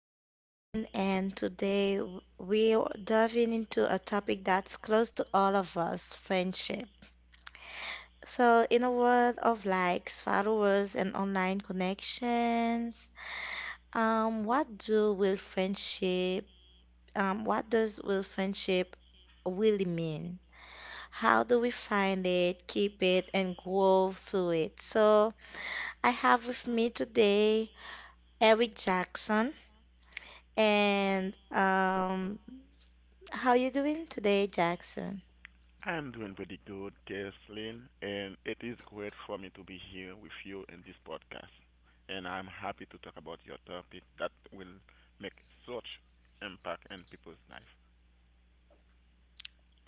Kathleen, and today we are diving into a topic that's close to all of us friendship. So, in a world of likes, followers, and online connections, um, what do will friendship, what does will friendship really mean? How do we find it, keep it, and grow through it? So, I have with me today Eric Jackson. And How you doing today, Jackson? I'm doing pretty good, Kathleen, and it is great for me to be here with you in this podcast. And I'm happy to talk about your topic that will make such impact in people's life.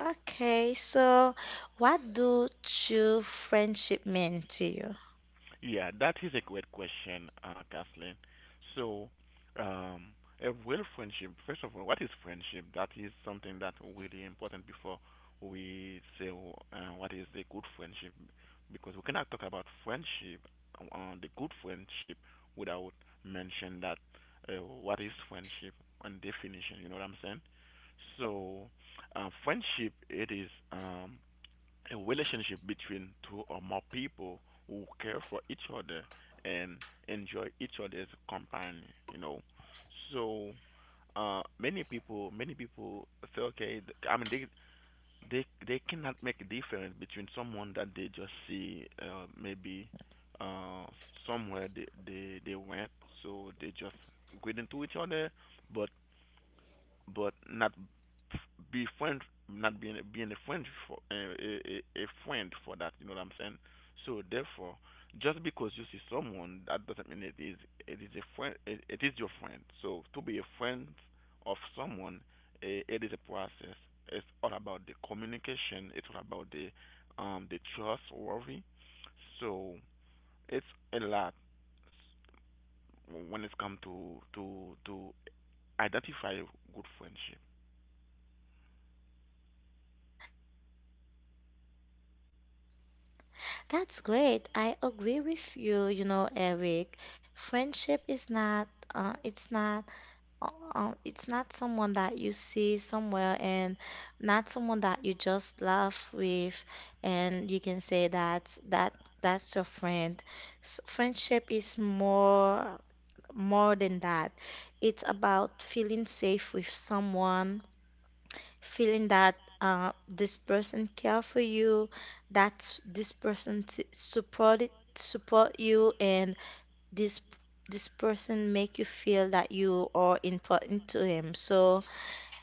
Okay, so what do true friendship mean to you? Yeah, that is a great question, Kathleen. So, um, a real friendship, first of all, what is friendship? That is something that really important before we say what is a good friendship, because we cannot talk about friendship, the good friendship, without mention that what is friendship and definition. You know what I'm saying? So, friendship, it is. A relationship between two or more people who care for each other and enjoy each other's company you know so many people say, okay, they they cannot make a difference between someone that they just see maybe, uh somewhere they went, so they just get into each other, but not be friend, not being a friend for a friend for that. You know what I'm saying? So therefore, just because you see someone, that doesn't mean it is a friend. It is your friend. So to be a friend of someone, it is a process. It's all about the communication. It's all about the the trustworthy. So it's a lot when it comes to to identify good friendship. That's great. I agree with you, you know, Eric. Friendship is not it's not uh, it's not someone that you see somewhere and not someone that you just laugh with and you can say that that's your friend. Friendship is more than that. It's about feeling safe with someone, feeling that this person care for you, that this person support you, and this this person make you feel that you are important to him. So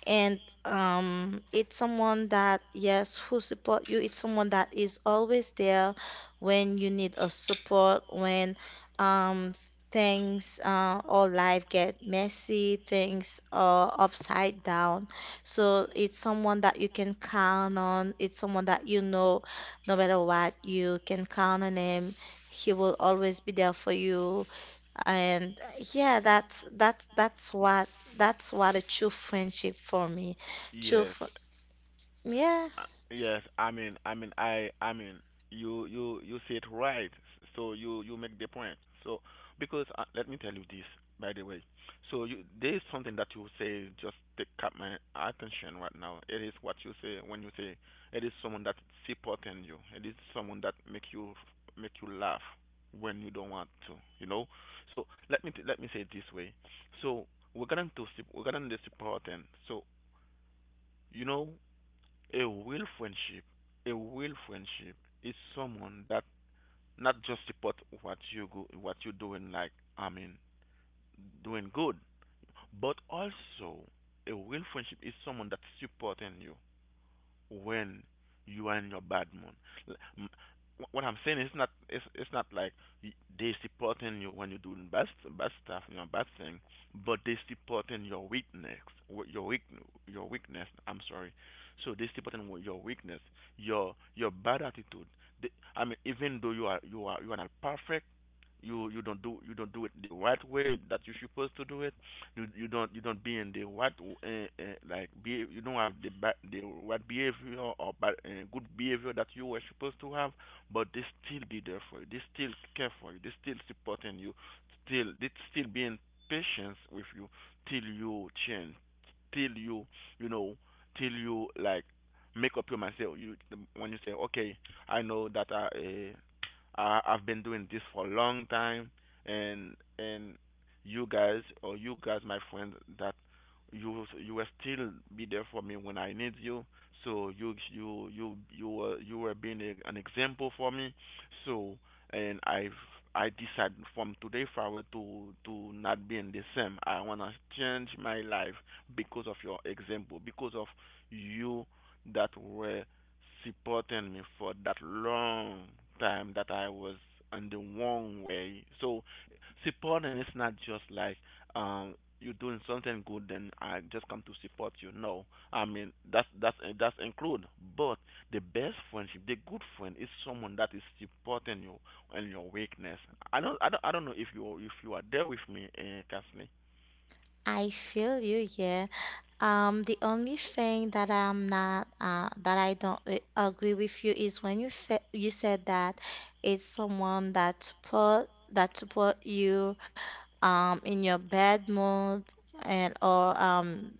and it's someone that yes who support you, it's someone that is always there when you need a support, when um, things or life get messy, things are upside down. So it's someone that you can count on, it's someone that you know no matter what you can count on him, he will always be there for you. And yeah, that's what a true friendship for me. True, Yes, fr- yeah, uh, yes. I mean, you say it right. So you, make the point. So because let me tell you this, by the way. So you, there is something that you say just take up my attention right now. It is what you say when you say it is someone that supporting you. It is someone that make you laugh when you don't want to. You know. So let me say it this way. So we're going to supporting. So you know a real friendship, a real friendship is someone that not just support what you go, what you doing, like I mean, doing good, but also a real friendship is someone that's supporting you when you are in your bad mood. L- m- What I'm saying is not it's it's not like y- they supporting you when you're doing bad stuff, you know, bad thing, but they supporting your weakness, wh- your weak your weakness. I'm sorry. So they supporting your weakness, your bad attitude. They, I mean, even though you are not perfect, you don't do it the right way that you're supposed to do it, you don't, be in the what like be, you don't have the ba- the what behavior or bad, good behavior that you were supposed to have, but they still be there for you. They still care for you. They still supporting you. Still they still being patient with you till you change, till you you know, till you like make up your mind. Say you when you say, okay, I know that I. I I've been doing this for a long time, and you guys or you guys my friend that you will still be there for me when I need you, so you were, being a, an example for me. So and I've I decide from today forward to not being the same. I want to change my life because of your example, because of you that were supporting me for that long time that I was on the wrong way. So supporting, and it's not just like um you're doing something good then I just come to support you. No, I mean that's that's include. But the best friendship, the good friend, is someone that is supporting you and your weakness. I don't know if you are there with me, Kathleen. I feel you. Yeah. The only thing that I'm not that I don't agree with you is when you said that it's someone that support you in your bad mood and or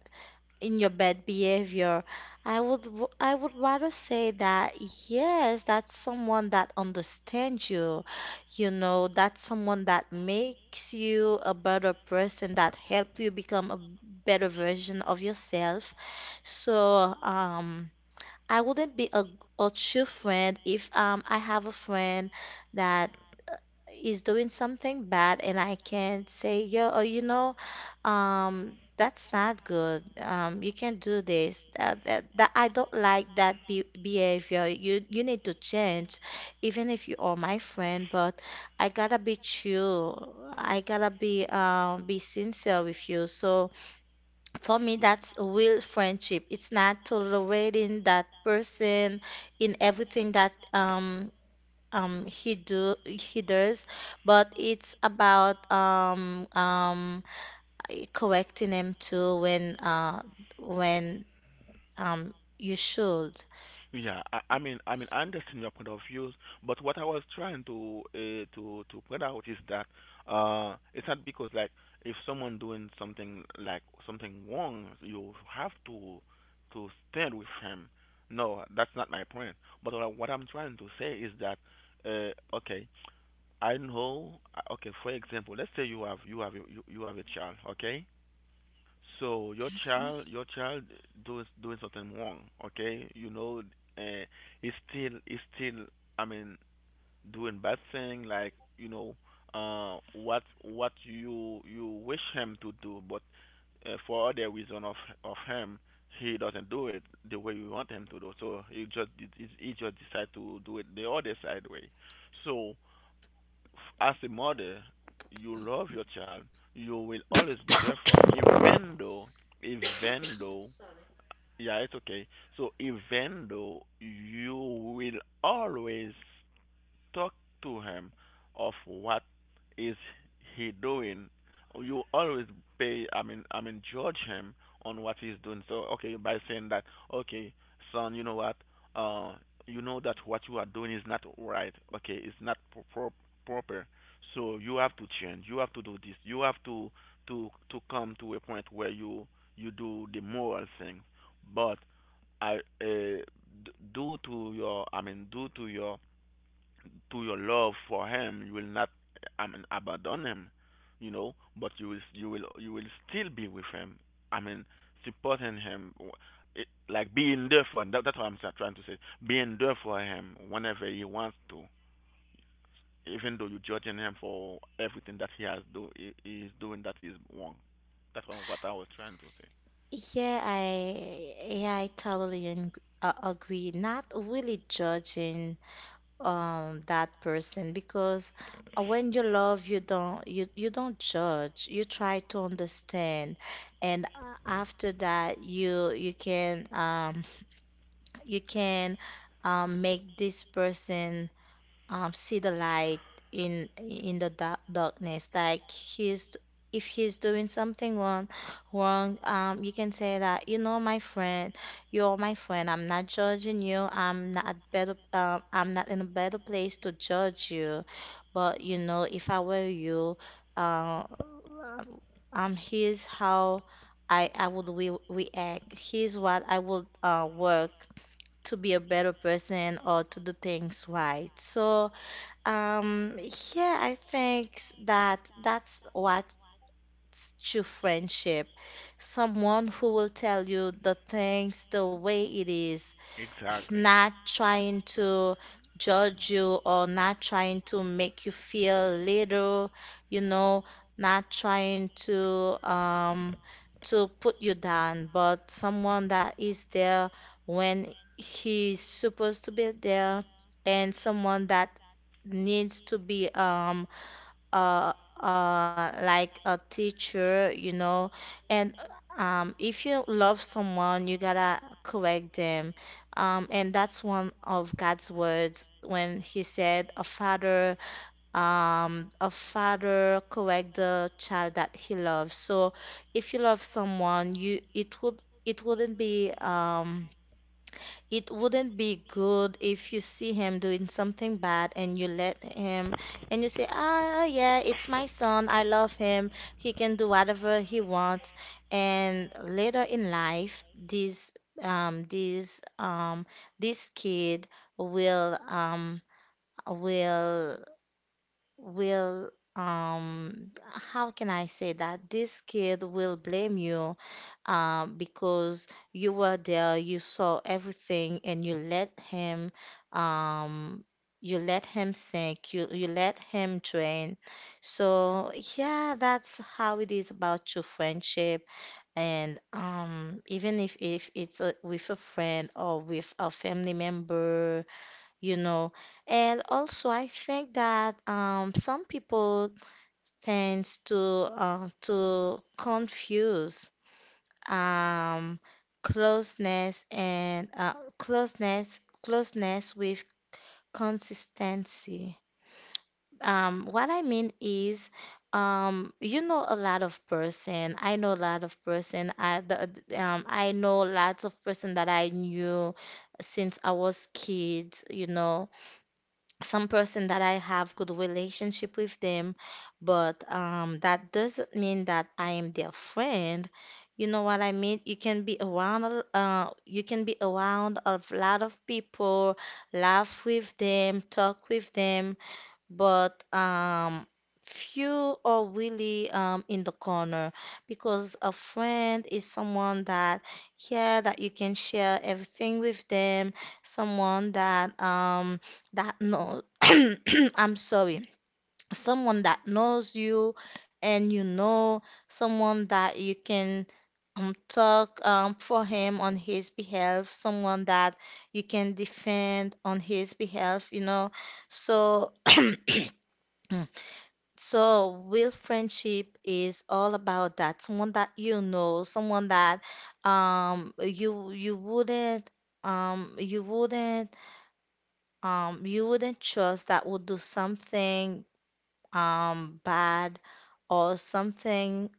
in your bad behavior. I would I would rather say that yes, that's someone that understands you. You know, that's someone that makes you a better person, that help you become a better version of yourself. So, I wouldn't be a true friend if I have a friend that is doing something bad and I can say, yo, oh, you know, that's not good. You can't do this. That I don't like that be behavior. You need to change, even if you are my friend. But I gotta be true. I gotta be sincere with you. So for me, that's a real friendship. It's not tolerating that person in everything that he does, but it's about correcting him too when when you should. Yeah, I mean, I understand your point of views, but what I was trying to to point out is that it's not because like if someone doing something like something wrong, you have to stand with him. No, that's not my point. But what, I, what I'm trying to say is that okay, I know. Okay, for example, let's say you have you have a child, okay, so Mm. Your child doing something wrong, okay? You know, uh, he's still, I mean, doing bad thing like you know, what you you wish him to do, but for other reason of him, he doesn't do it the way you want him to do. So he just decide to do it the other side way. So as a mother, you love your child, you will always be there for him, even though, even though, yeah, it's okay. So even though you will always talk to him of what is he doing. You always pay, judge him on what he's doing. So, okay, by saying that, okay, son, you know what, uh, you know that what you are doing is not right. Okay, it's not proper. So you have to change. You have to do this. You have to to come to a point where you do the moral thing. But I uh, d- due to your, due to your love for him, you will not, I mean, abandon him, you know, but you will still be with him, I mean, supporting him, it, like being there for him, that, that's what trying to say, being there for him whenever he wants to, even though you're judging him for everything that he has do he is doing that is wrong. That's what I was trying to say Yeah, I totally agree. Not really judging that person, because when you love, you don't judge. You try to understand, and after that, you can you can make this person see the light in the darkness. Like he's, if he's doing something wrong, you can say that, you know, my friend, you're my friend, I'm not judging you, I'm not better, I'm not in a better place to judge you. But you know, if I were you, uh, here's how I would re react, here's what I would work to be a better person or to do things right. So, um, yeah, I think that's what's true friendship. Someone who will tell you the things the way it is, exactly. not trying to judge you or not trying to make you feel little, you know, not trying um to put you down, but someone that is there when he's supposed to be there and someone that needs to be like a teacher, you know. And if you love someone, you gotta correct them. And that's one of God's words, when he said a father, a father correct the child that he loves. So if you love someone, you it would, it wouldn't be um it wouldn't be good if you see him doing something bad and you let him, and you say, ah, yeah, it's my son, I love him, he can do whatever he wants. And later in life, this um this um this kid will will will um how can I say that? This kid will blame you, because you were there, you saw everything, and um, you let him sink, you let him drain. So yeah, that's how it is about true friendship. And even if it's a, with a friend or with a family member, you know. And also, I think that some people tends to confuse um, closeness and closeness closeness with consistency. What I mean is, you know a lot of person. I know a lot of person. I know lots of person that I knew since I was kid. You know, some person that I have good relationship with them, but that doesn't mean that I am their friend. You know what I mean? You can be around, you can be around a lot of people, laugh with them, talk with them, but few are really in the corner, because a friend is someone that yeah that you can share everything with them, someone that that knows I'm sorry, someone that knows you, and you know, someone that you can talk for him on his behalf, someone that you can defend on his behalf, you know. So so, real friendship is all about that. Someone that you know, someone that you you wouldn't you wouldn't you wouldn't trust that would do something bad or something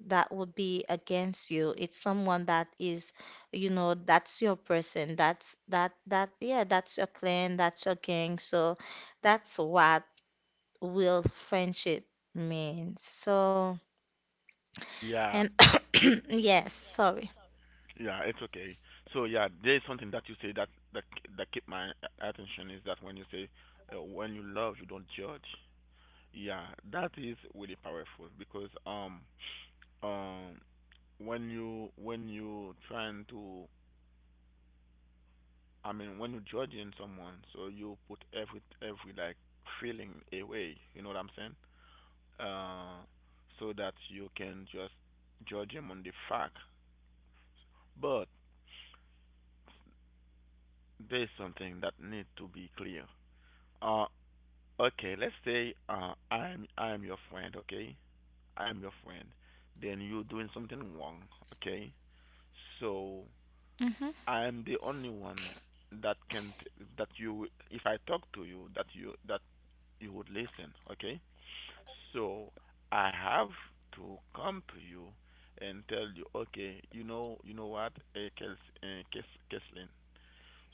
that would be against you. It's someone that is, you know, that's your person. That's that that yeah, that's your clan, that's your gang. So that's what real friendship means. So Yeah. and yes, sorry. Yeah, it's okay. So yeah, there is something that you say that that keep my attention is that when you say, when you love, you don't judge. Yeah, that is really powerful because um when you trying to, I mean, when you judging someone, so you put every like feeling away. You know what I'm saying? Uh, so that you can just judge him on the fact. But there's something that need to be clear. Uh, Okay, let's say I'm your friend, okay? I'm your friend. Then you're doing something wrong, okay? So Hmm. I'm the only one that can that you if I talk to you that you that you would listen, okay? So I have to come to you and tell you, okay, you know what, Keslin,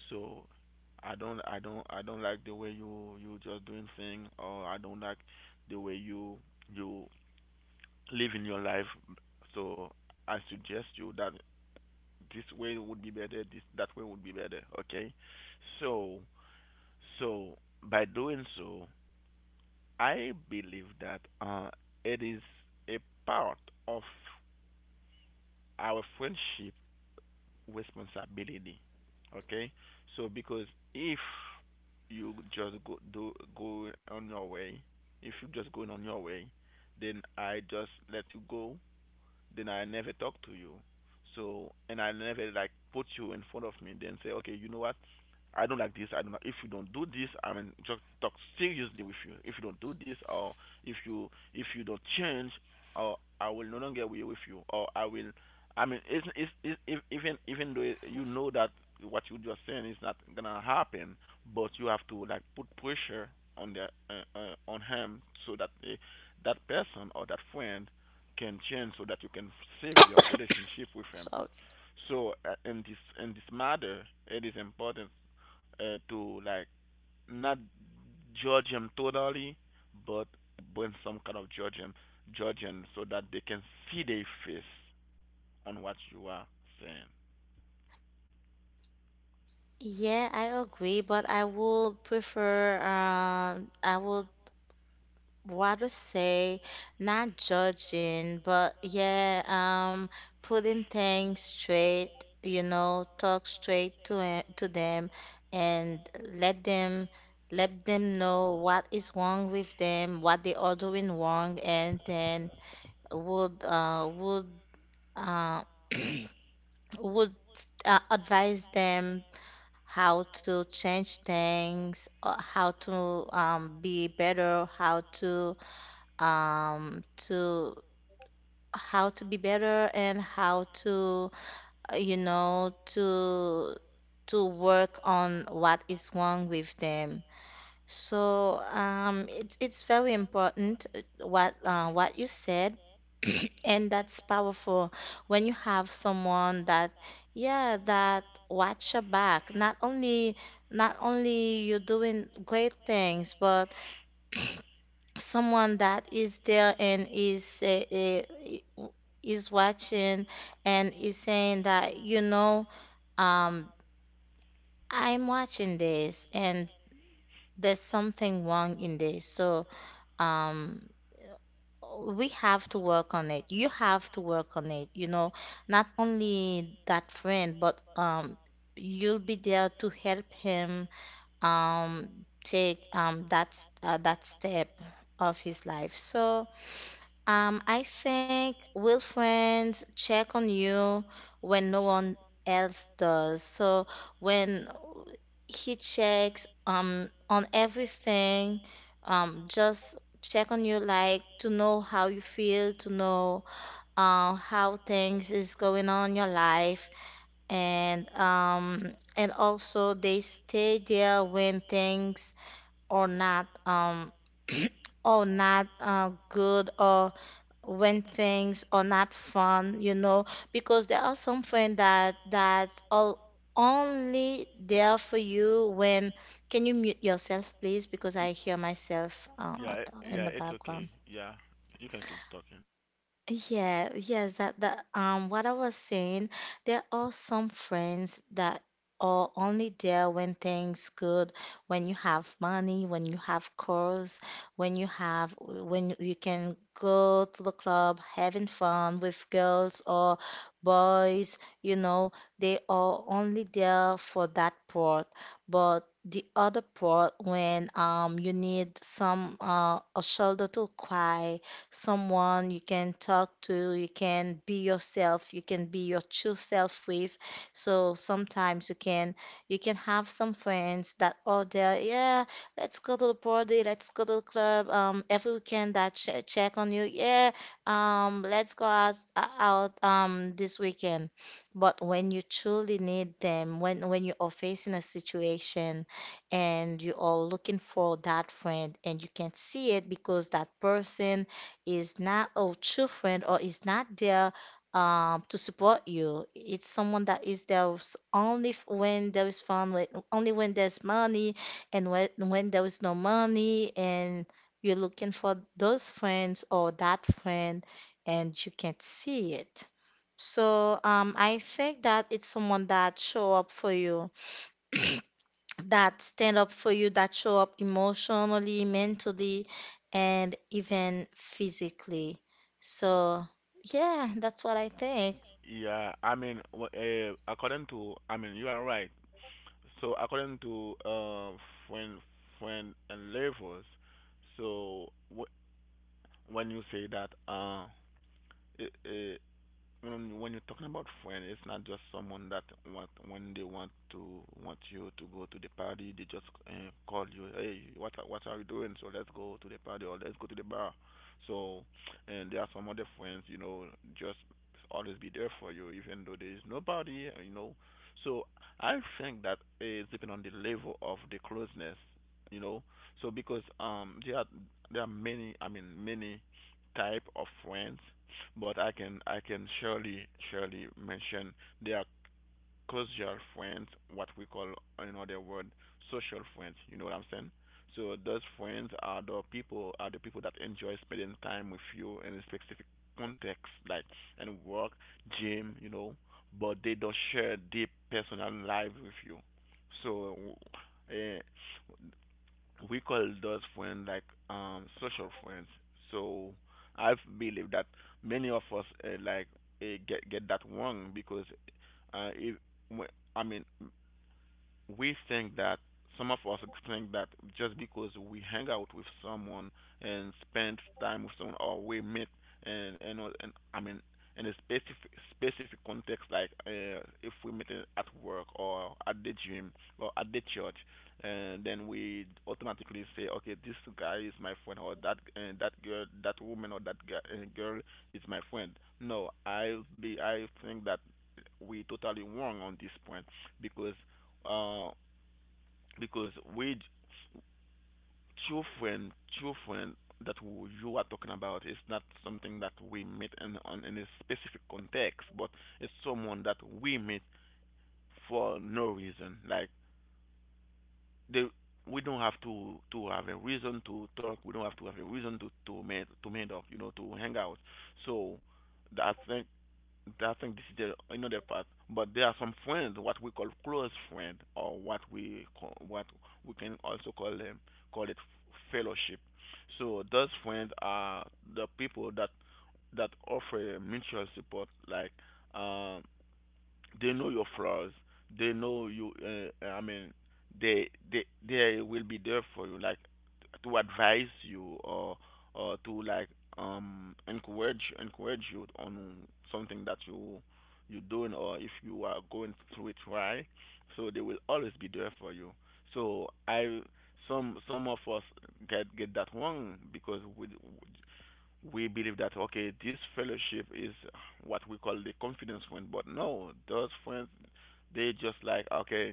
so I don't like the way you you just doing thing or I don't like the way you you living your life. So I suggest you that this way would be better, this that way would be better, okay? So so by doing so, I believe that it is a part of our friendship responsibility. Okay, so because if you just go on your way, if you just going on your way, then I just let you go, then I never talk to you. So and I never like put you in front of me, then say, okay, you know what? I don't like this. I don't. Like, if you don't do this, I mean, just talk seriously with you. If you don't do this, or if you don't change, or I will no longer be with you, or I will. I mean, it's, if, even though you know that what you just saying is not gonna happen, but you have to like put pressure on the on him so that that person or that friend can change so that you can save your relationship with him. Sorry. So in this matter, it is important to like not judge him totally, but bring some kind of judging, judging so that they can see their face on what you are saying. Yeah, I agree, but I would prefer, I would rather say not judging, but yeah, putting things straight, you know, talk straight to them, and let them, let them know what is wrong with them, what they are doing wrong, and then would uh would advise them how to change things, how to be better, how to how to be better, and how to you know to work on what is wrong with them. So it's very important what you said, and that's powerful when you have someone that yeah that watch your back. Not only, not only you're doing great things, but someone that is there and uh, is watching and is saying that, you know, um, I'm watching this and there's something wrong in this. So. Um, we have to work on it. You have to work on it. You know, not only that friend, but you'll be there to help him take that step of his life. So I think will friends check on you when no one else does. So when he checks on everything, just check on you, like to know how you feel, to know how things is going on in your life. And and also they stay there when things are not or not good, or when things are not fun, you know, because there are some friends that that's all only there for you when, can you mute yourself please, because Y- I hear myself Yeah, in yeah, the it's okay. background. Yeah, you can keep talking. Yeah, yes, that, that what I was saying, there are some friends that are only there when things good, when you have money, when you have cars, when you have, when you can go to the club having fun with girls or boys, you know, they are only there for that part. But the other part, when you need some a shoulder to cry, someone you can talk to, you can be yourself, you can be your true self with. So sometimes you can, you can have some friends that, oh there, yeah, let's go to the party, let's go to the club every weekend, that ch check on you, yeah, let's go out, out this weekend. But when you truly need them, when you are facing a situation and you are looking for that friend and you can not see it, because that person is not a true friend or is not there to support you. It's someone that is there when there is fun, only when there's money, and when there is no money, and you're looking for those friends or that friend, and you can't see it. I think that it's someone that show up for you, that stand up for you, that show up emotionally, mentally, and even physically. So, yeah, that's what I think. Yeah, I mean, according to, I mean, you are right. So according to friend, friend and levels, so wh- when you say that when you're talking about friend, it's not just someone that want when they want to want you to go to the party, they just call you, hey, what are you doing? So let's go to the party or let's go to the bar. So, and there are some other friends, you know, just always be there for you, even though there is nobody, you know. So I think that it's depending on the level of the closeness, you know. So because there are many, I mean many type of friends but I can surely mention they are casual friends, what we call in other word social friends. You know what I'm saying? So those friends are the people that enjoy spending time with you in a specific context, like and work, gym, you know, but they don't share deep personal life with you. So, uh, we call those friends like social friends. So I believe that many of us like get that wrong because if wh- I mean we think that some of us think that just because we hang out with someone and spend time with someone or we meet and I mean in a specific context like if we meet at work or at the gym or at the church and then we automatically say okay this guy is my friend or that that girl that woman or that guy, girl is my friend. No, I think that we totally wrong on this point because uh, because with children, children that you are talking about is not something that we meet in on in a specific context, but it's someone that we meet for no reason. Like they, we don't have to have a reason to talk. We don't have to have a reason to to meet up. You know, to hang out. So I think I think this is the another part. But there are some friends, what we call close friend, or what we call, what we can also call them, call it fellowship. So those friends are the people that offer mutual support, like um, they know your flaws. They know you. I mean, they will be there for you, like to advise you or to like encourage you on something that you you're doing or if you are going through it right. So they will always be there for you. So I some of us get that wrong because we believe that okay, this fellowship is what we call the confidence friend, but no, those friends they just like okay,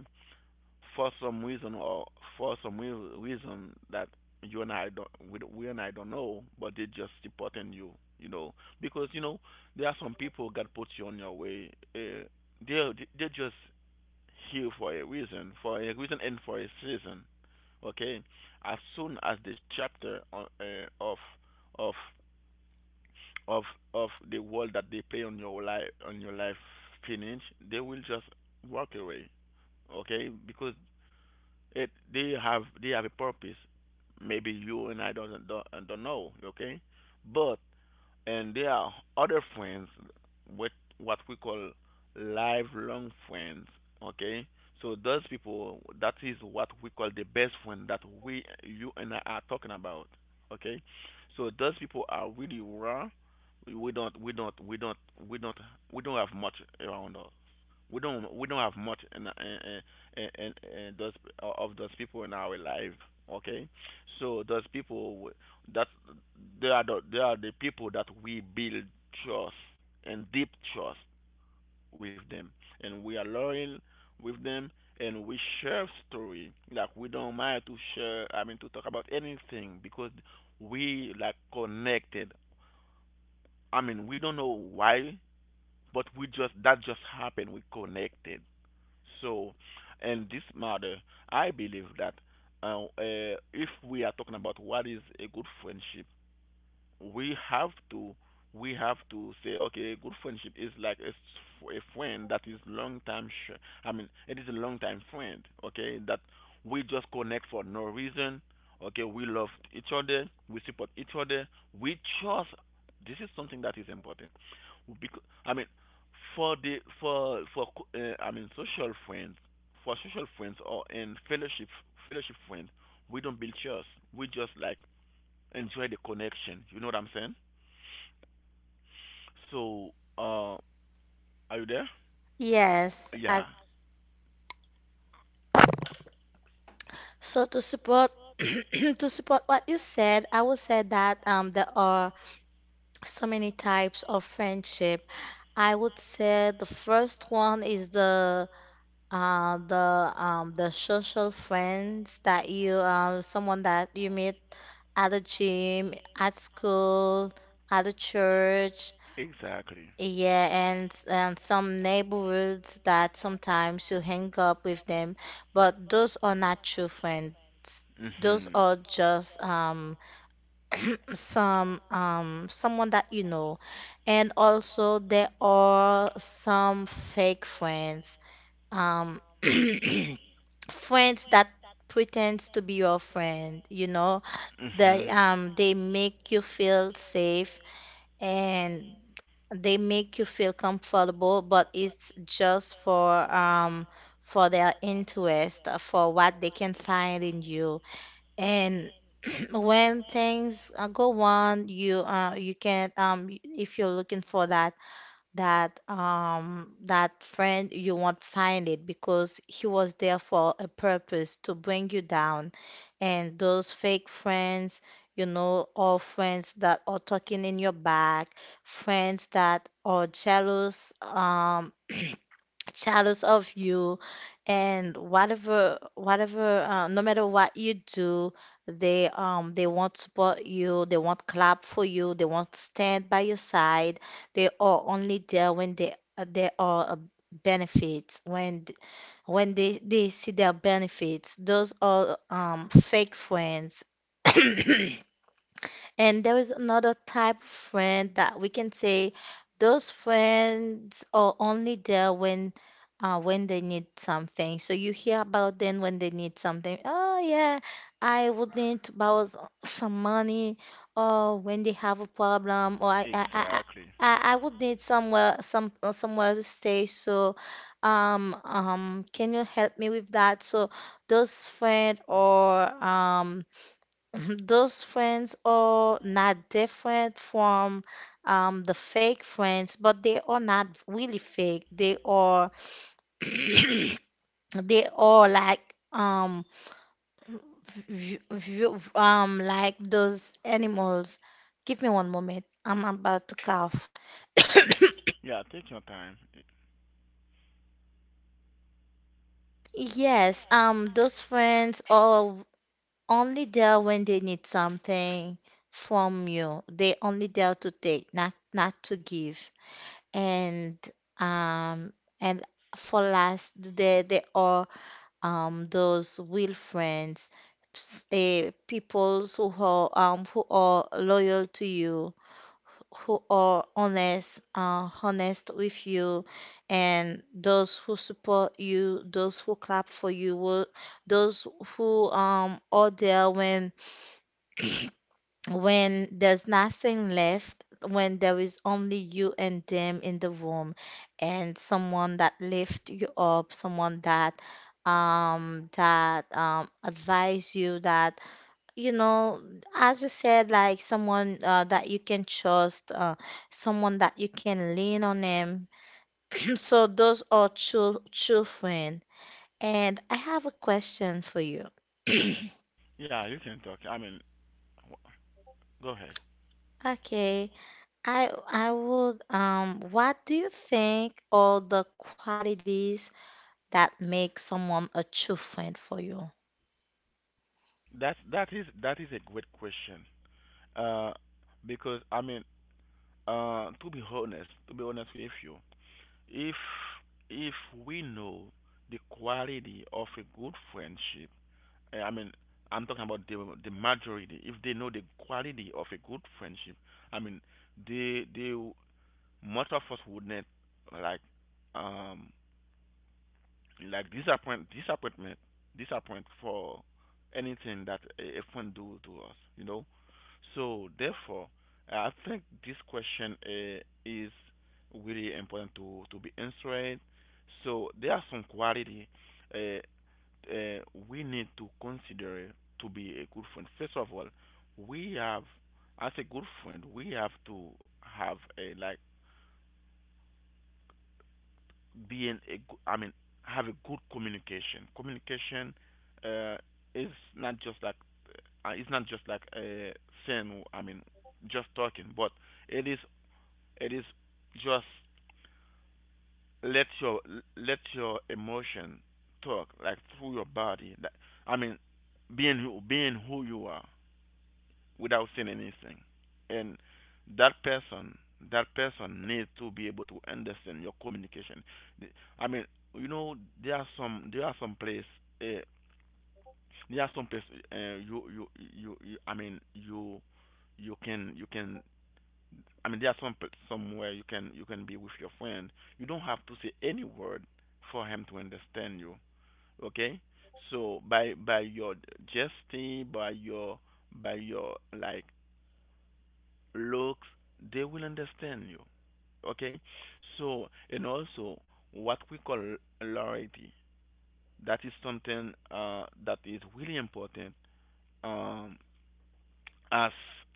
for some reason or for some real reason that you and I don't- we and I don't know, but they just supporting you, you know, because you know there are some people that put you on your way. They they just here for a reason and for a season. Okay, as soon as this chapter on, of of of of the role that they play on your life finish, they will just walk away. Okay, because it they have a purpose. Maybe you and I don't know. Okay, but and there are other friends, with what we call lifelong friends. Okay, so those people, that is what we call the best friend that we you and I are talking about. Okay, so those people are really raw. We don't we don't we don't we don't we don't have much around us. We don't have much in those of those people in our life. Okay, so those people that they are the people that we build trust and deep trust with them, and we are loyal with them, and we share story. Like we don't mind to share. I mean to talk about anything because we like connected. I mean we don't know why, but we just that just happened. We connected. So, and this matter, I believe that if we are talking about what is a good friendship we have to we have to say okay a good friendship is like a friend that is long time I mean it is a long time friend okay that we just connect for no reason okay we love each other we support each other we trust. This is something that is important because I mean for the for co- I mean social friends for social friends or in fellowship fellowship friends we don't build trust we just like enjoy the connection. You know what I'm saying? So, uh, are you there? Yes. Yeah, so to support to support what you said, I would say that there are so many types of friendship. I would say the first one is the social friends that you, someone that you meet at the gym, at school, at the church, exactly. yeah, and some neighborhoods that sometimes you hang up with them, but those are not true friends. Those Mhm. are just some someone that you know, and also there are some fake friends, um friends that pretends to be your friend, you know Mhm. They make you feel safe and they make you feel comfortable, but it's just for their interest, for what they can find in you. And when things go on, you you can if you're looking for that friend, you won't find it because he was there for a purpose to bring you down. And those fake friends, you know, or friends that are talking in your back, friends that are jealous, shadows of you, and whatever whatever no matter what you do, they won't support you, they won't clap for you, they won't stand by your side. They are only there when they are benefits when they see their benefits. Those are fake friends. And there is another type of friend that we can say those friends are only there when they need something. So you hear about them when they need something. Oh yeah, I would need to borrow some money, or when they have a problem, or I I I, Exactly. Blah. I I would need somewhere to stay. So can you help me with that? So those friends or those friends are not different from the fake friends, but they are not really fake. They are they are like v- v- um like those animals. Give me one moment. I'm about to cough. Yeah, take your time. Yes, those friends are only there when they need something from you. They only there to take, not to give. And um and for last, there are those real friends, peoples who are loyal to you, who are honest, honest with you, and those who support you, those who clap for you, those who are there when there's nothing left, when there is only you and them in the room, and someone that lift you up, someone that advise you, that, you know, as you said, like someone, that you can trust, someone that you can lean on them. So those are true true friend, and I have a question for you. Yeah, you can talk. I mean, wh- go ahead. Okay. I would what do you think all the qualities that make someone a true friend for you? That that is a great question. Uh, because I mean, to be honest with you, If if we know the quality of a good friendship, I mean, I'm talking about the majority. If they know the quality of a good friendship, I mean, they much of us wouldn't like um like disappoint for anything that a friend do to us, you know. So therefore I think this question is really important to be answered. So there are some quality, uh, uh, we need to consider to be a good friend. First of all, we have, as a good friend we have to have a like being a go- I mean have a good communication. Communication uh, is not just like uh, it's not just like uh, saying, I mean just talking, but it is it is just let your let your emotion talk like through your body. That, I mean being who you are without saying anything. And that person, that person needs to be able to understand your communication. The- I mean, you know, there are some place, uh, there are some place, uh, you, you, you, you, I mean, you can, you can. I mean, there are some pl- somewhere you can be with your friend. You don't have to say any word for him to understand you. Okay? So by your gesture, by your like looks, they will understand you. Okay? So, and also what we call loyalty. That is something that is really important um, as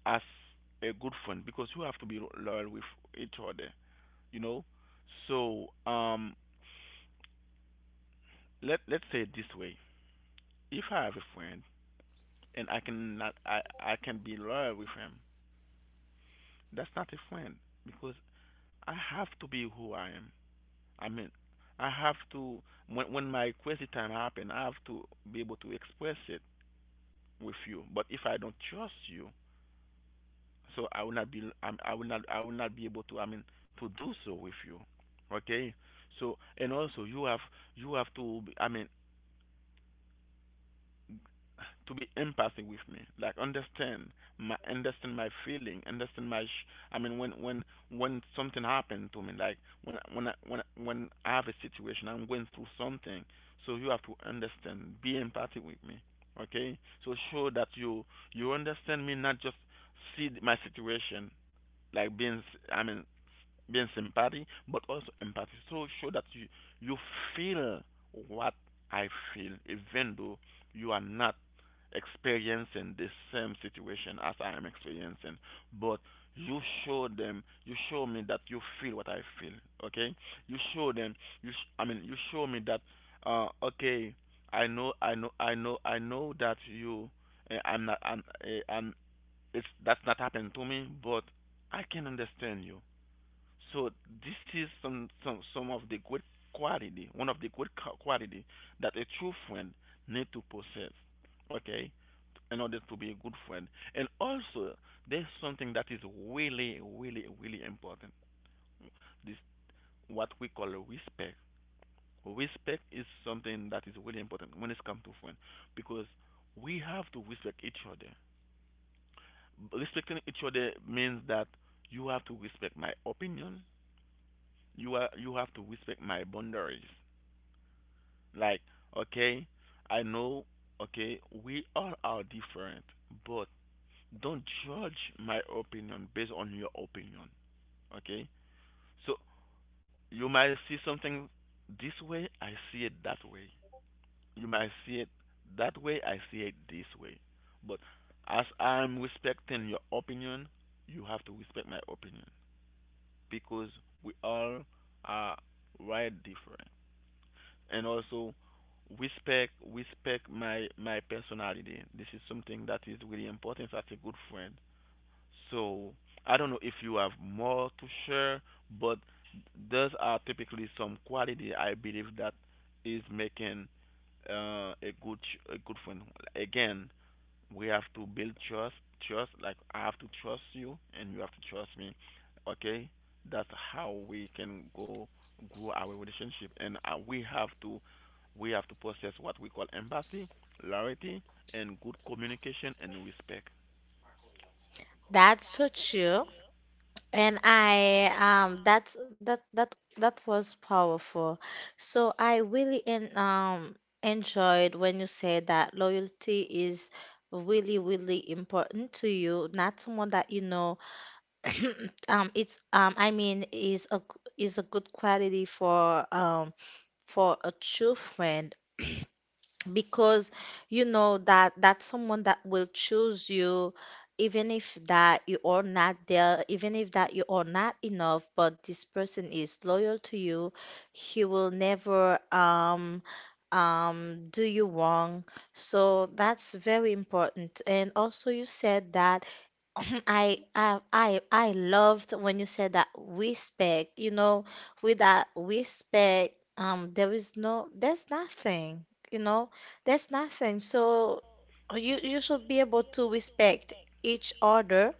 as a good friend because you have to be loyal with each other, you know. So let's say it this way: if I have a friend and I cannot I I can be loyal with him, that's not a friend because I have to be who I am. I mean, I have to, when my crazy time happen, I have to be able to express it with you. But if I don't trust you, so I will not be able to, I mean, to do so with you. Okay? So and also you have to I mean to be empathic with me, like understand my, understand my feeling, understand my. I mean, when when something happened to me, like when when I have a situation, I'm going through something, so you have to understand, be empathic with me, okay? So show that you understand me, not just see my situation, like I mean being sympathy, but also empathy. So show that you feel what I feel, even though you are not experiencing the same situation as I am experiencing, but you show them, you show me that you feel what I feel, okay? You show them, I mean, you show me that, okay, I know that you, eh, I'm not, I'm, eh, I'm, it's that's not happened to me, but I can understand you. So this is some of the good quality, one of the good quality that a true friend need to possess. Okay, in order to be a good friend. And also, there's something that is really, really, really important. This what we call respect. Respect is something that is really important when it comes to friend, because we have to respect each other. Respecting each other means that you have to respect my opinion. You have to respect my boundaries. Like, okay, I know, okay, we all are different, but don't judge my opinion based on your opinion. Okay? So you might see something this way, I see it that way. You might see it that way, I see it this way. But as I'm respecting your opinion, you have to respect my opinion because we all are right different. And also respect my personality. This is something that is really important as a good friend. So, I don't know if you have more to share, but those are typically some quality I believe that is making a a good friend. Again, we have to build trust. Trust, like I have to trust you, and you have to trust me. Okay, that's how we can go grow our relationship, and we have to possess what we call empathy, loyalty, and good communication and respect. That's so true. And I that's that was powerful. So I really en enjoyed when you said that loyalty is really really important to you. Not someone that you know it's I mean is a good quality for achievement. Because you know that that's someone that will choose you even if that you are not there, even if that you are not enough, but this person is loyal to you. He will never do you wrong. So that's very important. And also you said that I loved when you said that respect. You know, with that respect, there is no, there's nothing. You know, there's nothing. So you you should be able to respect each other.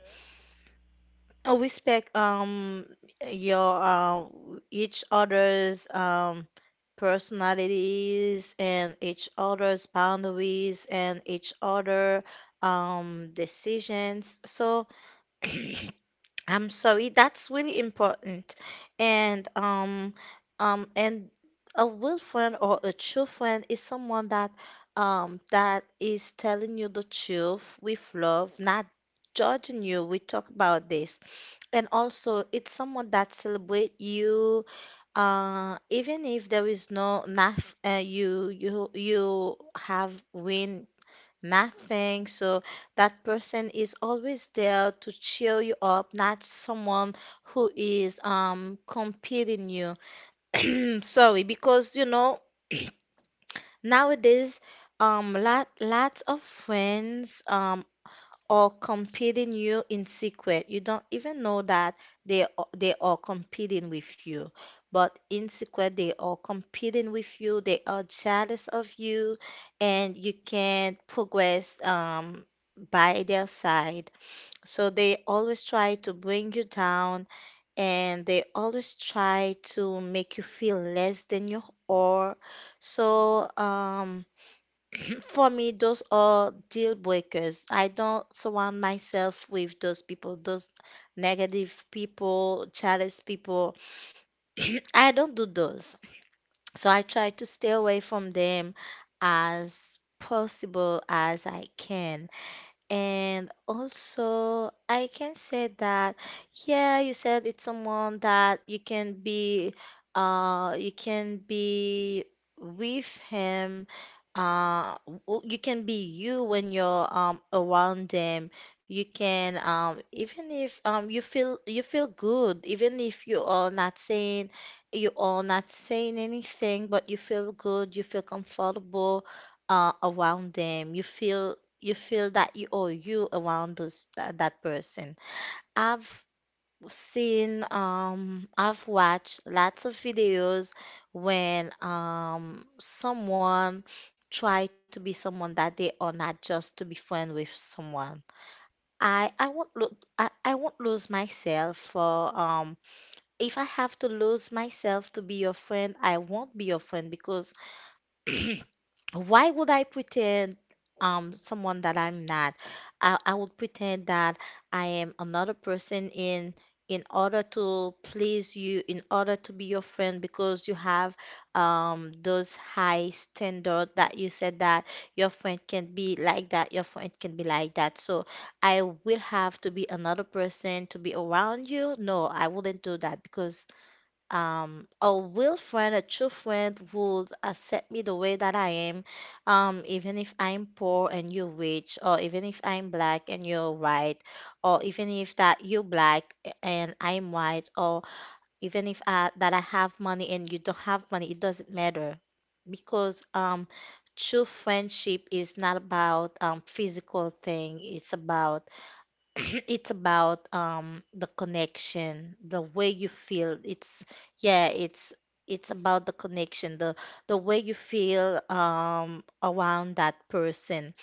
Uh, respect your each other's personalities and each other's boundaries and each other decisions. So. I'm sorry, that's really important. And and a real friend or a true friend is someone that that is telling you the truth with love, not judging you. We talk about this. And also it's someone that celebrate you, uh, even if there is no nothing, you have win nothing. So that person is always there to cheer you up, not someone who is competing you. Mm, sorry, because you know nowadays lots of friends or competing you in secret. You don't even know that they are competing with you, but in secret they are competing with you. They are jealous of you, and you can't progress by their side. So they always try to bring you down, and they always try to make you feel less than you are. So for me, those are deal breakers. I don't surround myself with those people, those negative people, jealous people. I don't do those. So I try to stay away from them as possible as I can. And also, I can say that, yeah, you said it's someone that you can be with him, uh, you can be you when you're around them. You can even if you feel good, even if you are not saying you are not saying anything, but you feel good, you feel comfortable around them. You feel that you owe you around that person. I've seen I've watched lots of videos when someone try to be someone that they are not just to be friend with someone. I I won't look I won't lose myself for if I have to lose myself to be your friend, I won't be your friend. Because why would I pretend someone that I'm not? I would pretend that I am another person in order to please you, in order to be your friend, because you have those high standard that you said that your friend can be like that, your friend can be like that. So I will have to be another person to be around you. No, I wouldn't do that because a real friend, a true friend would accept me the way that I am, even if I'm poor and you're rich, or even if I'm black and you're white, or even if that you're black and I'm white, or even if that I have money and you don't have money, it doesn't matter because true friendship is not about physical thing. It's about it's about the connection, the way you feel. It's yeah, it's about the connection, the way you feel around that person.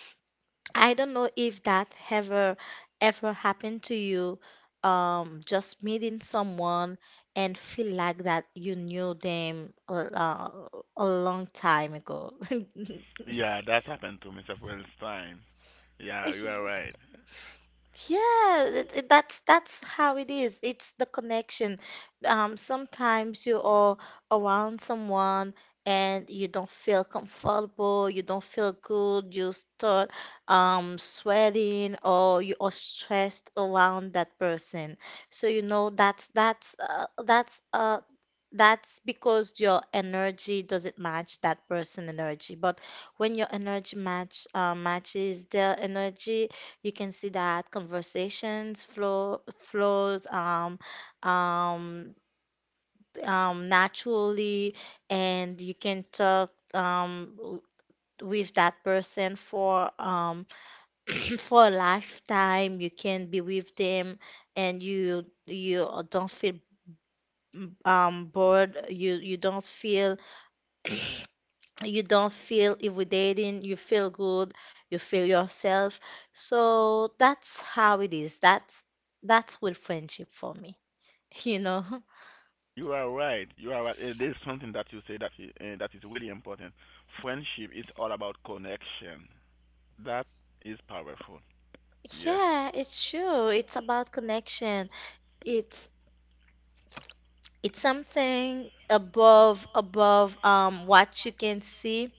I don't know if that ever happened to you, just meeting someone and feel like that you knew them a long time ago. Yeah, that's happened to me several times. Yeah, you are Yeah. right. Yeah, that's how it is. It's the connection. Sometimes you are around someone and you don't feel comfortable, you don't feel good, you start sweating or you are stressed around that person. So you know that's that's because your energy doesn't match that person energy. But when your energy matches their energy, you can see that conversations flow flows um, naturally, and you can talk with that person for for a lifetime. You can be with them, and you don't feel bored. You don't feel you don't feel intimidating, you feel good, you feel yourself. So that's how it is. That's with friendship for me, you know. You are right. You are right. Eh, there's something that you say that is really important. Friendship is all about connection. That is powerful. Yes. Yeah, it's true. It's about connection. It's it's something above what you can see.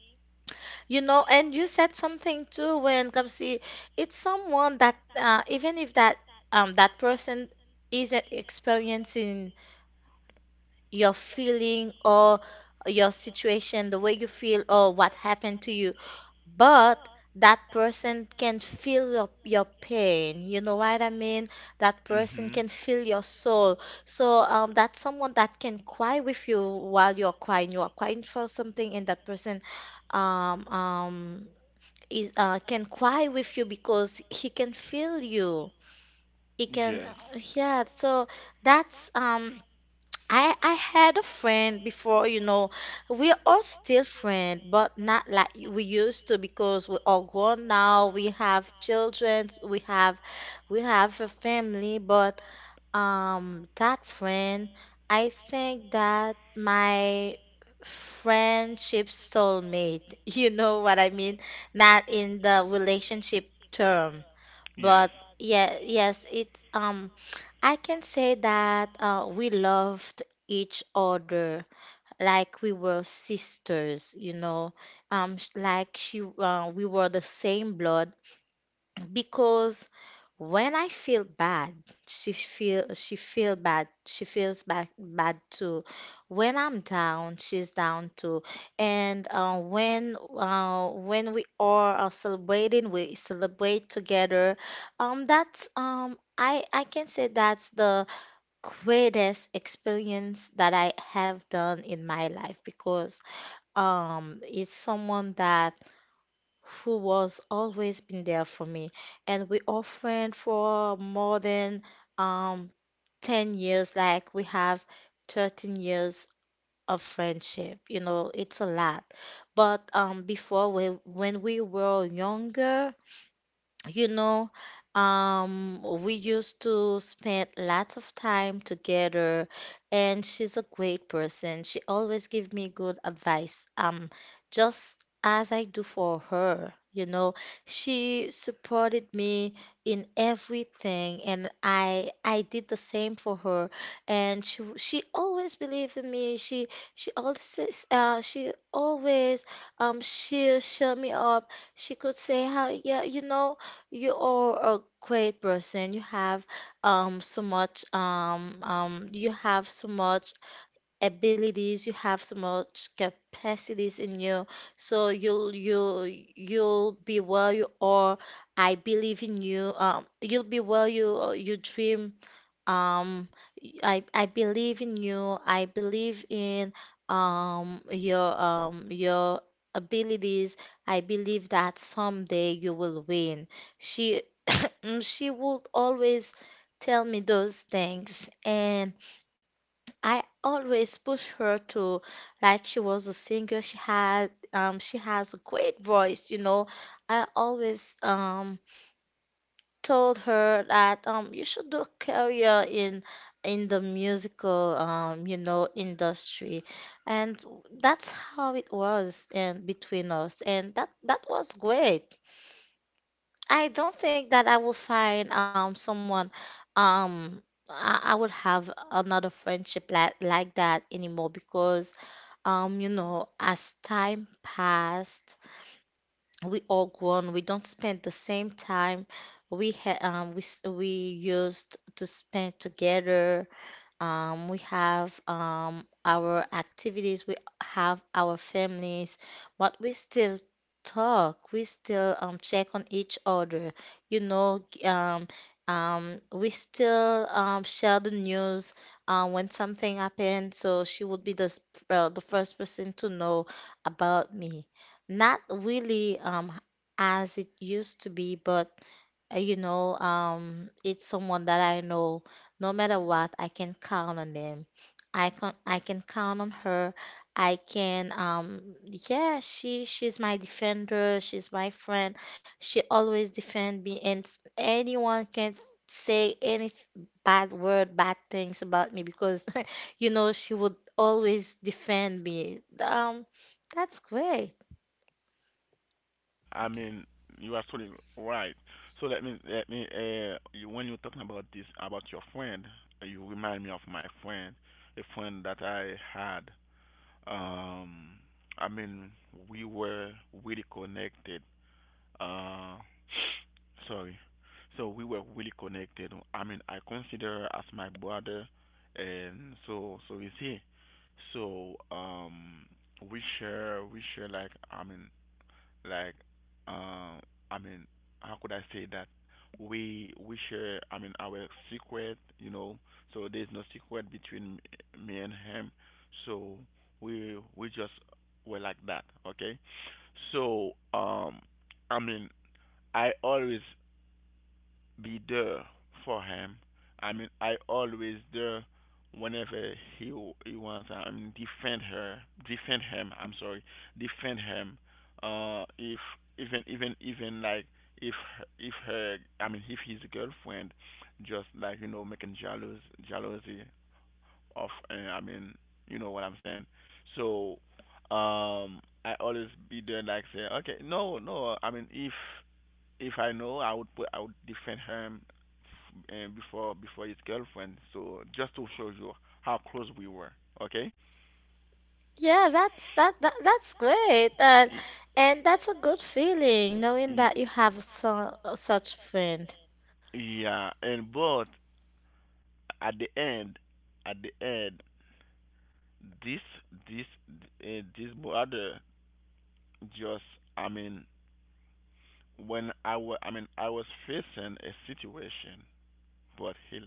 You know, and you said something too when Kamsi, it's someone that even if that that person isn't experiencing your feeling or your situation, the way you feel or what happened to you. But that person can feel your pain. You know what I mean? That person Mhm. can feel your soul. So that's someone that can cry with you while you're crying. You are crying for something, and that person um, um, is can cry with you because he can feel you. He can, Yes. yeah. So that's I had a friend before, you know. We are still friends, but not like we used to because we are grown now. We have children. We have a family. But that friend, I think that my friendship soulmate. You know what I mean? Not in the relationship term, Yes. but yeah, yes, it's. I can say that we loved each other like we were sisters, we were the same blood. Because when I feel bad, she feel bad, she feels bad too. When I'm down, she's down too. And when we are celebrating, we celebrate together. That's I can say that's the greatest experience that I have done in my life, because it's someone that who was always been there for me, and we are friends for more than um 10 years. Like, we have 13 years of friendship, it's a lot. But um before we when we were younger, you know, we used to spend lots of time together, and she's a great person. She always give me good advice, just as I do for her. She supported me in everything, and I did the same for her. And she always believed in me. She always uh, she always she cheer me up. She could say, how, yeah, you know, you are a great person. You have so much abilities, you have so much capacities in you. So you'll be where you are. I believe in you. You'll be where you dream. Um, I I believe in you. I believe in your abilities. I believe that someday you will win. She she would always tell me those things, and I always push her to, like, she was a singer. She has a great voice. I always told her that you should do a career in the musical, industry, and that's how it was, and between us, and that was great. I don't think that I will find someone. um I would have another friendship like that anymore, because as time passed, we all grown, we don't spend the same time we used to spend together. We have our activities, we have our families, but we still talk, we still check on each other. You know, g- um, we still share the news when something happened, so she would be the first person to know about me. Not really, as it used to be, but it's someone that I know. No matter what, I can count on them. I can count on her. I can, um, yeah, she's my defender. She's my friend. She always defend me, and anyone can say any bad word, bad things about me because, she would always defend me. That's great. I mean, you are totally right. So let me when you're talking about this about your friend, eh, you remind me of my friend, a friend that I had. Um, I mean, we were really connected. Uh, sorry. So we were really connected. I mean, I consider her as my brother, and so so is he. So we share like um i mean how could I say that we share, I mean, our secret, you know. So there's no secret between me and him. So we just were like that. Okay, so i mean I always be there for him. I mean, I always there whenever he wants. I mean, defend him. I'm sorry, defend him. If even even even like if her, I mean, if his girlfriend just like, you know, making jealousy of, you know what I'm saying. So, I always be there like say, okay, no, no. I mean, if I know, I would defend him f- before his girlfriend. So just to show you how close we were. Okay. Yeah, that's great. And Y- and that's a good feeling knowing y- that you have such friend. Yeah, and but at the end, at the end, this this this brother just, I mean when I was, I mean, I was facing a situation, but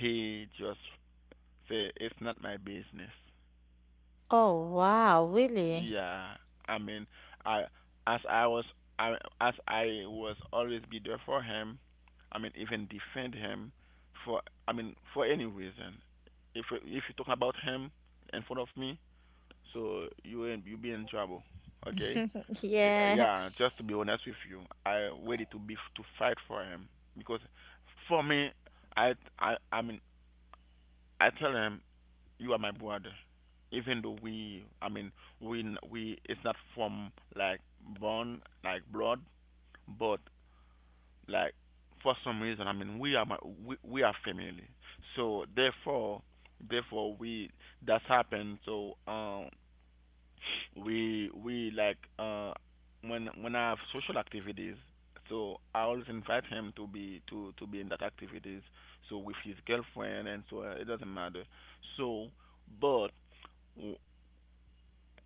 he just say it's not my business. Oh, wow, really? Yeah, I mean, I as I was I as I was always be there for him. I mean, even defend him for, I mean, for any reason. If you talk about him in front of me, so you be in trouble. Okay? Yeah, yeah, just to be honest with you, I ready to be to fight for him, because for me, I I I mean I tell him you are my brother. Even though we, I mean, we, we, it's not from like born, like blood, but like for some reason, I mean, we are family. So therefore, therefore we, that's happened. So we like when I have social activities, so I always invite him to be in that activities. So with his girlfriend and so, it doesn't matter. So, but w-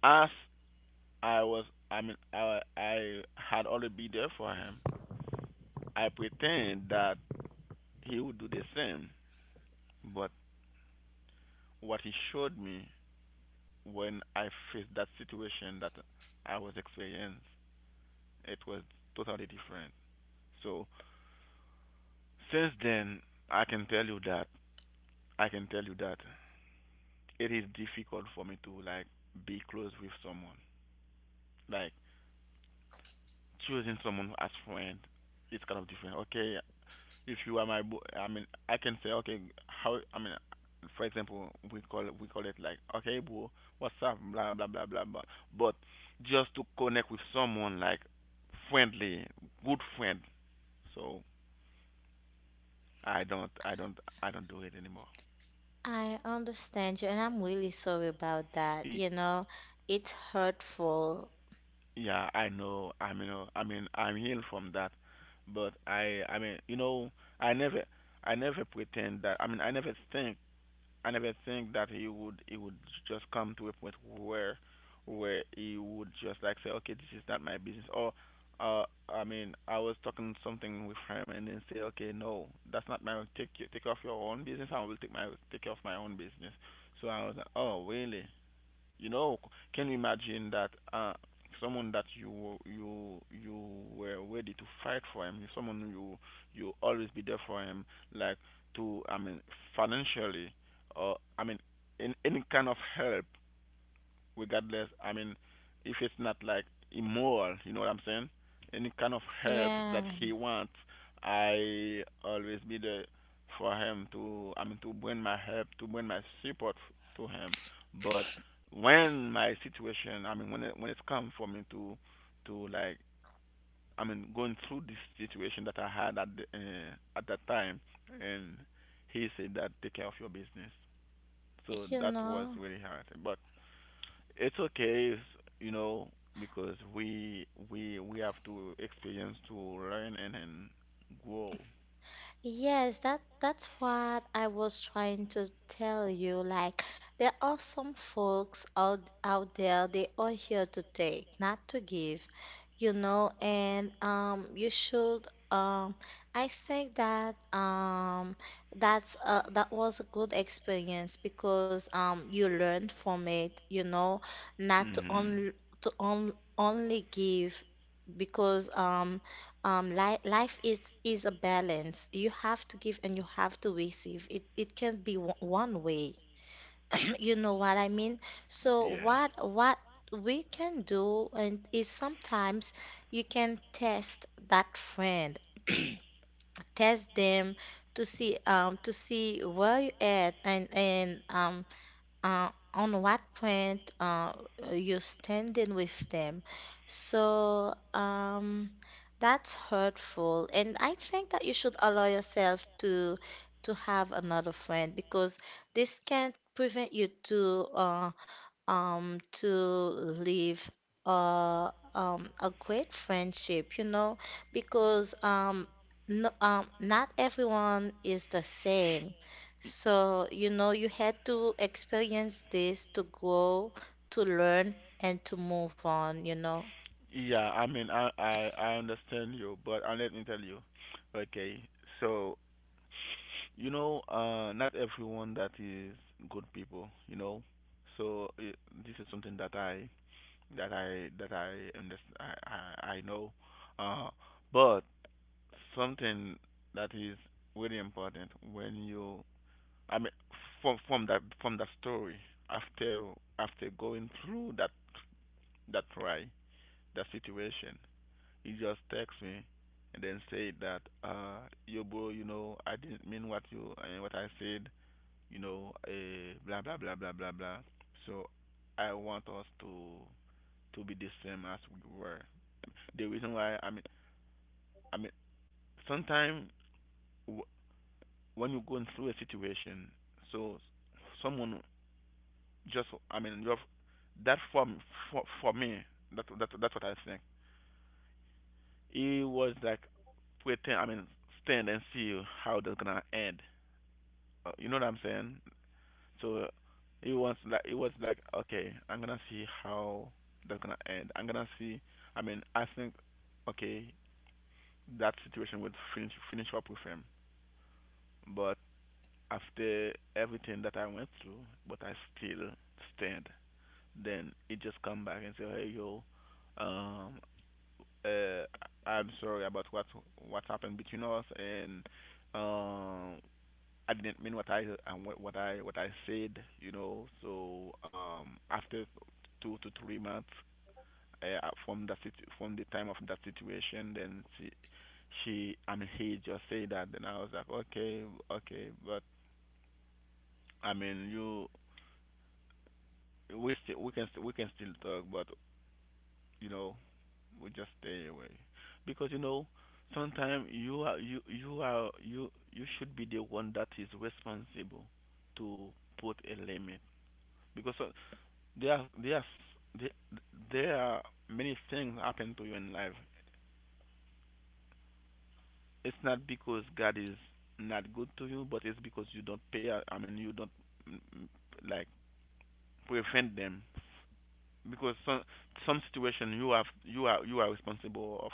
as I was, I mean, I had already been there for him. I pretend that he would do the same, but what he showed me when I faced that situation that I was experiencing, it was totally different. So since then, I can tell you that I can tell you that it is difficult for me to like be close with someone. Like choosing someone as friend, it's kind of different. Okay, if you are my bo- I mean I can say, okay, how I mean for example, we call it like, okay, bro, what's up, blah blah blah blah blah. But just to connect with someone like friendly, good friend. So I don't do it anymore. I understand you, and I'm really sorry about that. Y- It's hurtful. yeah, I know, I mean, I'm healed from that, but I mean, you know, i never i never pretend that i mean i never think I never think that he would, just come to a point where he would just like say, okay, this is not my business. Or, uh, I mean, I was talking something with him and then say, okay, no, that's not my take off your own business. I will take off my own business. So I was like, oh really? You know, can you imagine that, someone that you were ready to fight for him, someone you, you always be there for him, like to, I mean, financially, or, I mean, in any kind of help regardless. I mean, if it's not like immoral, you know what I'm saying? Any kind of help that Yeah, he wants, I always be there for him to. I mean, to bring my help, to bring my support to him. But when my situation, I mean, when it, when it's come for me to like, I mean, going through this situation that I had at the, at that time, and he said that take care of your business. So you that was know. really hard, but it's okay. You know, because we have to experience to learn, and grow. Yes, that's what I was trying to tell you. Like, there are some folks out there, they are here to take, not to give. And you should I think that that was a good experience, because you learned from it, not to Mhm. only, to on, only give. Because li life is a balance. You have to give and you have to receive. It can not be one way. You know what I mean? So Yes. what we can do, and is sometimes you can test that friend. Test them to see, where you at, and on what point, you standing with them. So, that's hurtful, and I think that you should allow yourself to have another friend, because this can't prevent you to leave a great friendship, because no, not everyone is the same. Y- So, you had to experience this to grow, to learn, and to move on. Yeah, I mean, I understand you, but I let me tell you. Okay, so, you know, not everyone that is good people, you know. So I this is something that that I understand, I know. Uh, but something that is really important when you, I mean, from that, story. After going through that, that try that situation, he just text me and then say that, uh, yo bro, you know, I didn't mean what you, what I said, you know, blah blah blah blah blah blah. So I want us to be the same as we were. The reason why, i mean sometimes when you're going through a situation, so someone just, I mean, you have that for, for me, that's what I think. It was like pretend, I mean, stand and see how that's gonna end. You know what I'm saying? So, it was like, okay, I'm gonna see how that's gonna end. I'm gonna see. I mean, I think, okay, that situation would finish up with him, but after everything that I went through, but I still stand. Then it just come back and say, hey yo, um, uh, I'm sorry about what happened between us, and um, I didn't mean what I, what I said, you know. So after 2 to 3 months, from that from the time of that situation, then she I mean he just said that, then I was like, okay, okay, but I mean you, we can still talk, but you know, we just stay away. Because you know, sometimes you you should be the one that is responsible to put a limit, because there are there are there, there are many things happen to you in life. It's not because God is not good to you, but it's because you don't pay. I mean, you don't, mm, mm, like, prevent them, because some situation you have, you are responsible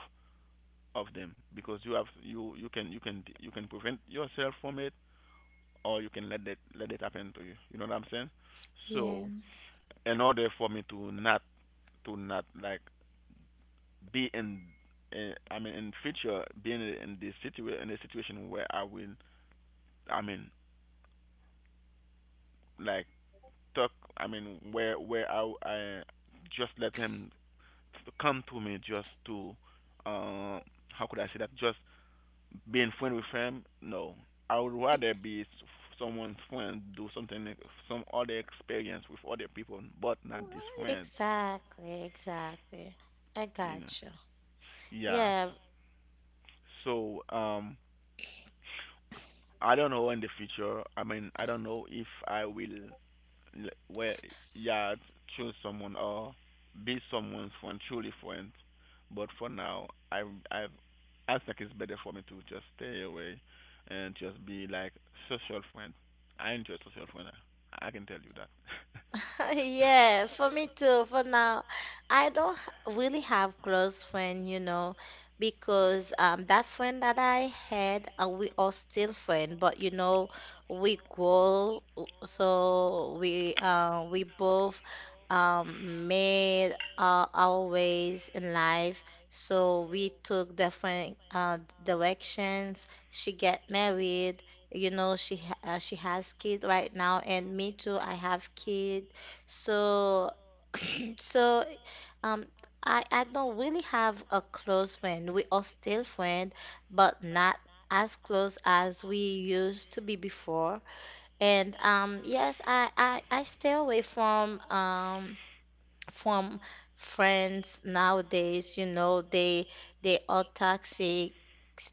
of them, because you can prevent yourself from it, or you can let that let it happen to you. You know what I'm saying? Yeah. So in order for me to not, like be in, in future being in this situation, in a situation where I will I mean like talk I mean where I just let him come to me just to, uh how could I say that just being friend with him, no. I would E- rather be someone's friend, do something, some other experience with other people, but not this friend, Exactly, exactly. I you know. got you. Yeah. Yeah. So, I don't know in the future. I mean, I don't know if I will, l- where yeah choose someone or be someone's friend, truly friend. But for now, i i I think it's better for me to just stay away and just be like social friend. I enjoy social friend. I can tell you that. Yeah, for me too. For now, I don't really have close friend, because that friend that I had, we are still friend, but we grow. So we both made our ways in life. So we took different directions. She get married, she has kid right now, and me too, I have kid, so. So, um, I don't really have a close friend. We are still friend, but not as close as we used to be before. And yes, I stay away from friends nowadays, they are toxic.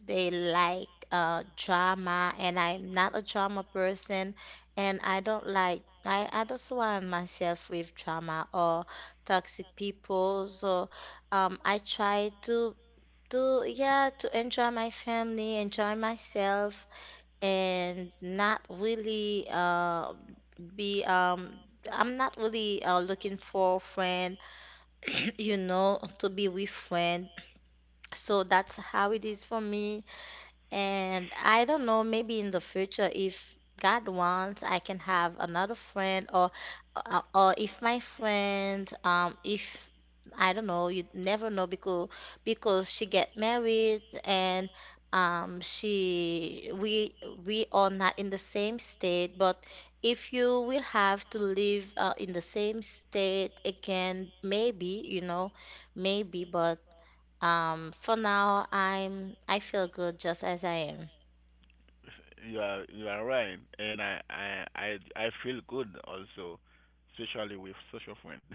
They like drama, and I'm not a drama person, and I don't like I don't surround myself with drama or toxic people. So I try to enjoy my family, enjoy myself, and not really be I'm not really looking for a friend, to be with friend. So that's how it is for me. And I don't know, maybe in the future, if God wants, I can have another friend, or if my friend, if, I don't know, you never know. Because she get married, and she we are not in the same state, but if you will have to live in the same state again, maybe, maybe, but. For now, I feel good just as I am. You are, you are right, and I feel good also, especially with social friend.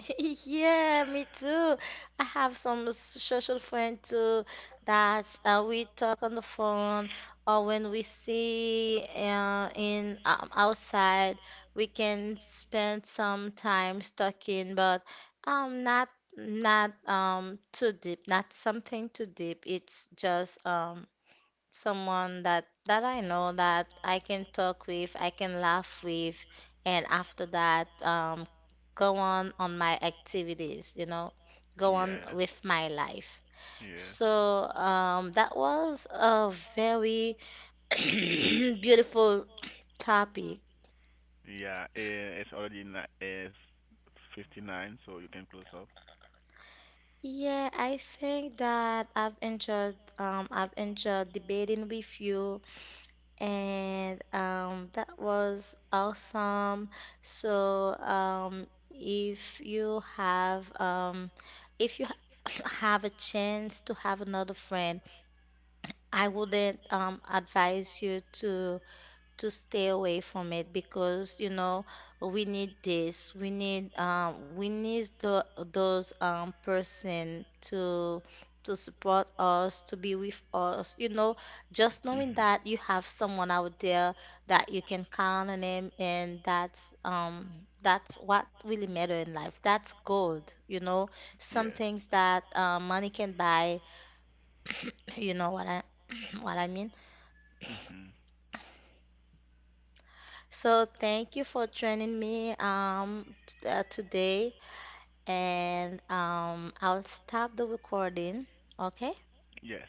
Yeah, me too. I have some social friend too, that we talk on the phone, or when we see in, outside, we can spend some time talking, but not, too deep, not something too deep. It's just someone that I know, that I can talk with, I can laugh with, and after that, go on my activities, go on Yes. with my life. Yes. So, that was a very beautiful topic. Yeah, eh, it's already it's 59, so you can close up. Yeah, I think that I've enjoyed debating with you, and that was awesome. So if you have if you ha- have a chance to have another friend, I wouldn't, advise you to stay away from it, because we need this, we need those person to support us, to be with us, just knowing Mhm. that you have someone out there that you can count on him. And that's what really matter in life, that's gold, some Yes. things that money can buy. You know what I what I mean. Mhm. So thank you for joining me, today, and I'll stop the recording. Okay. Yes.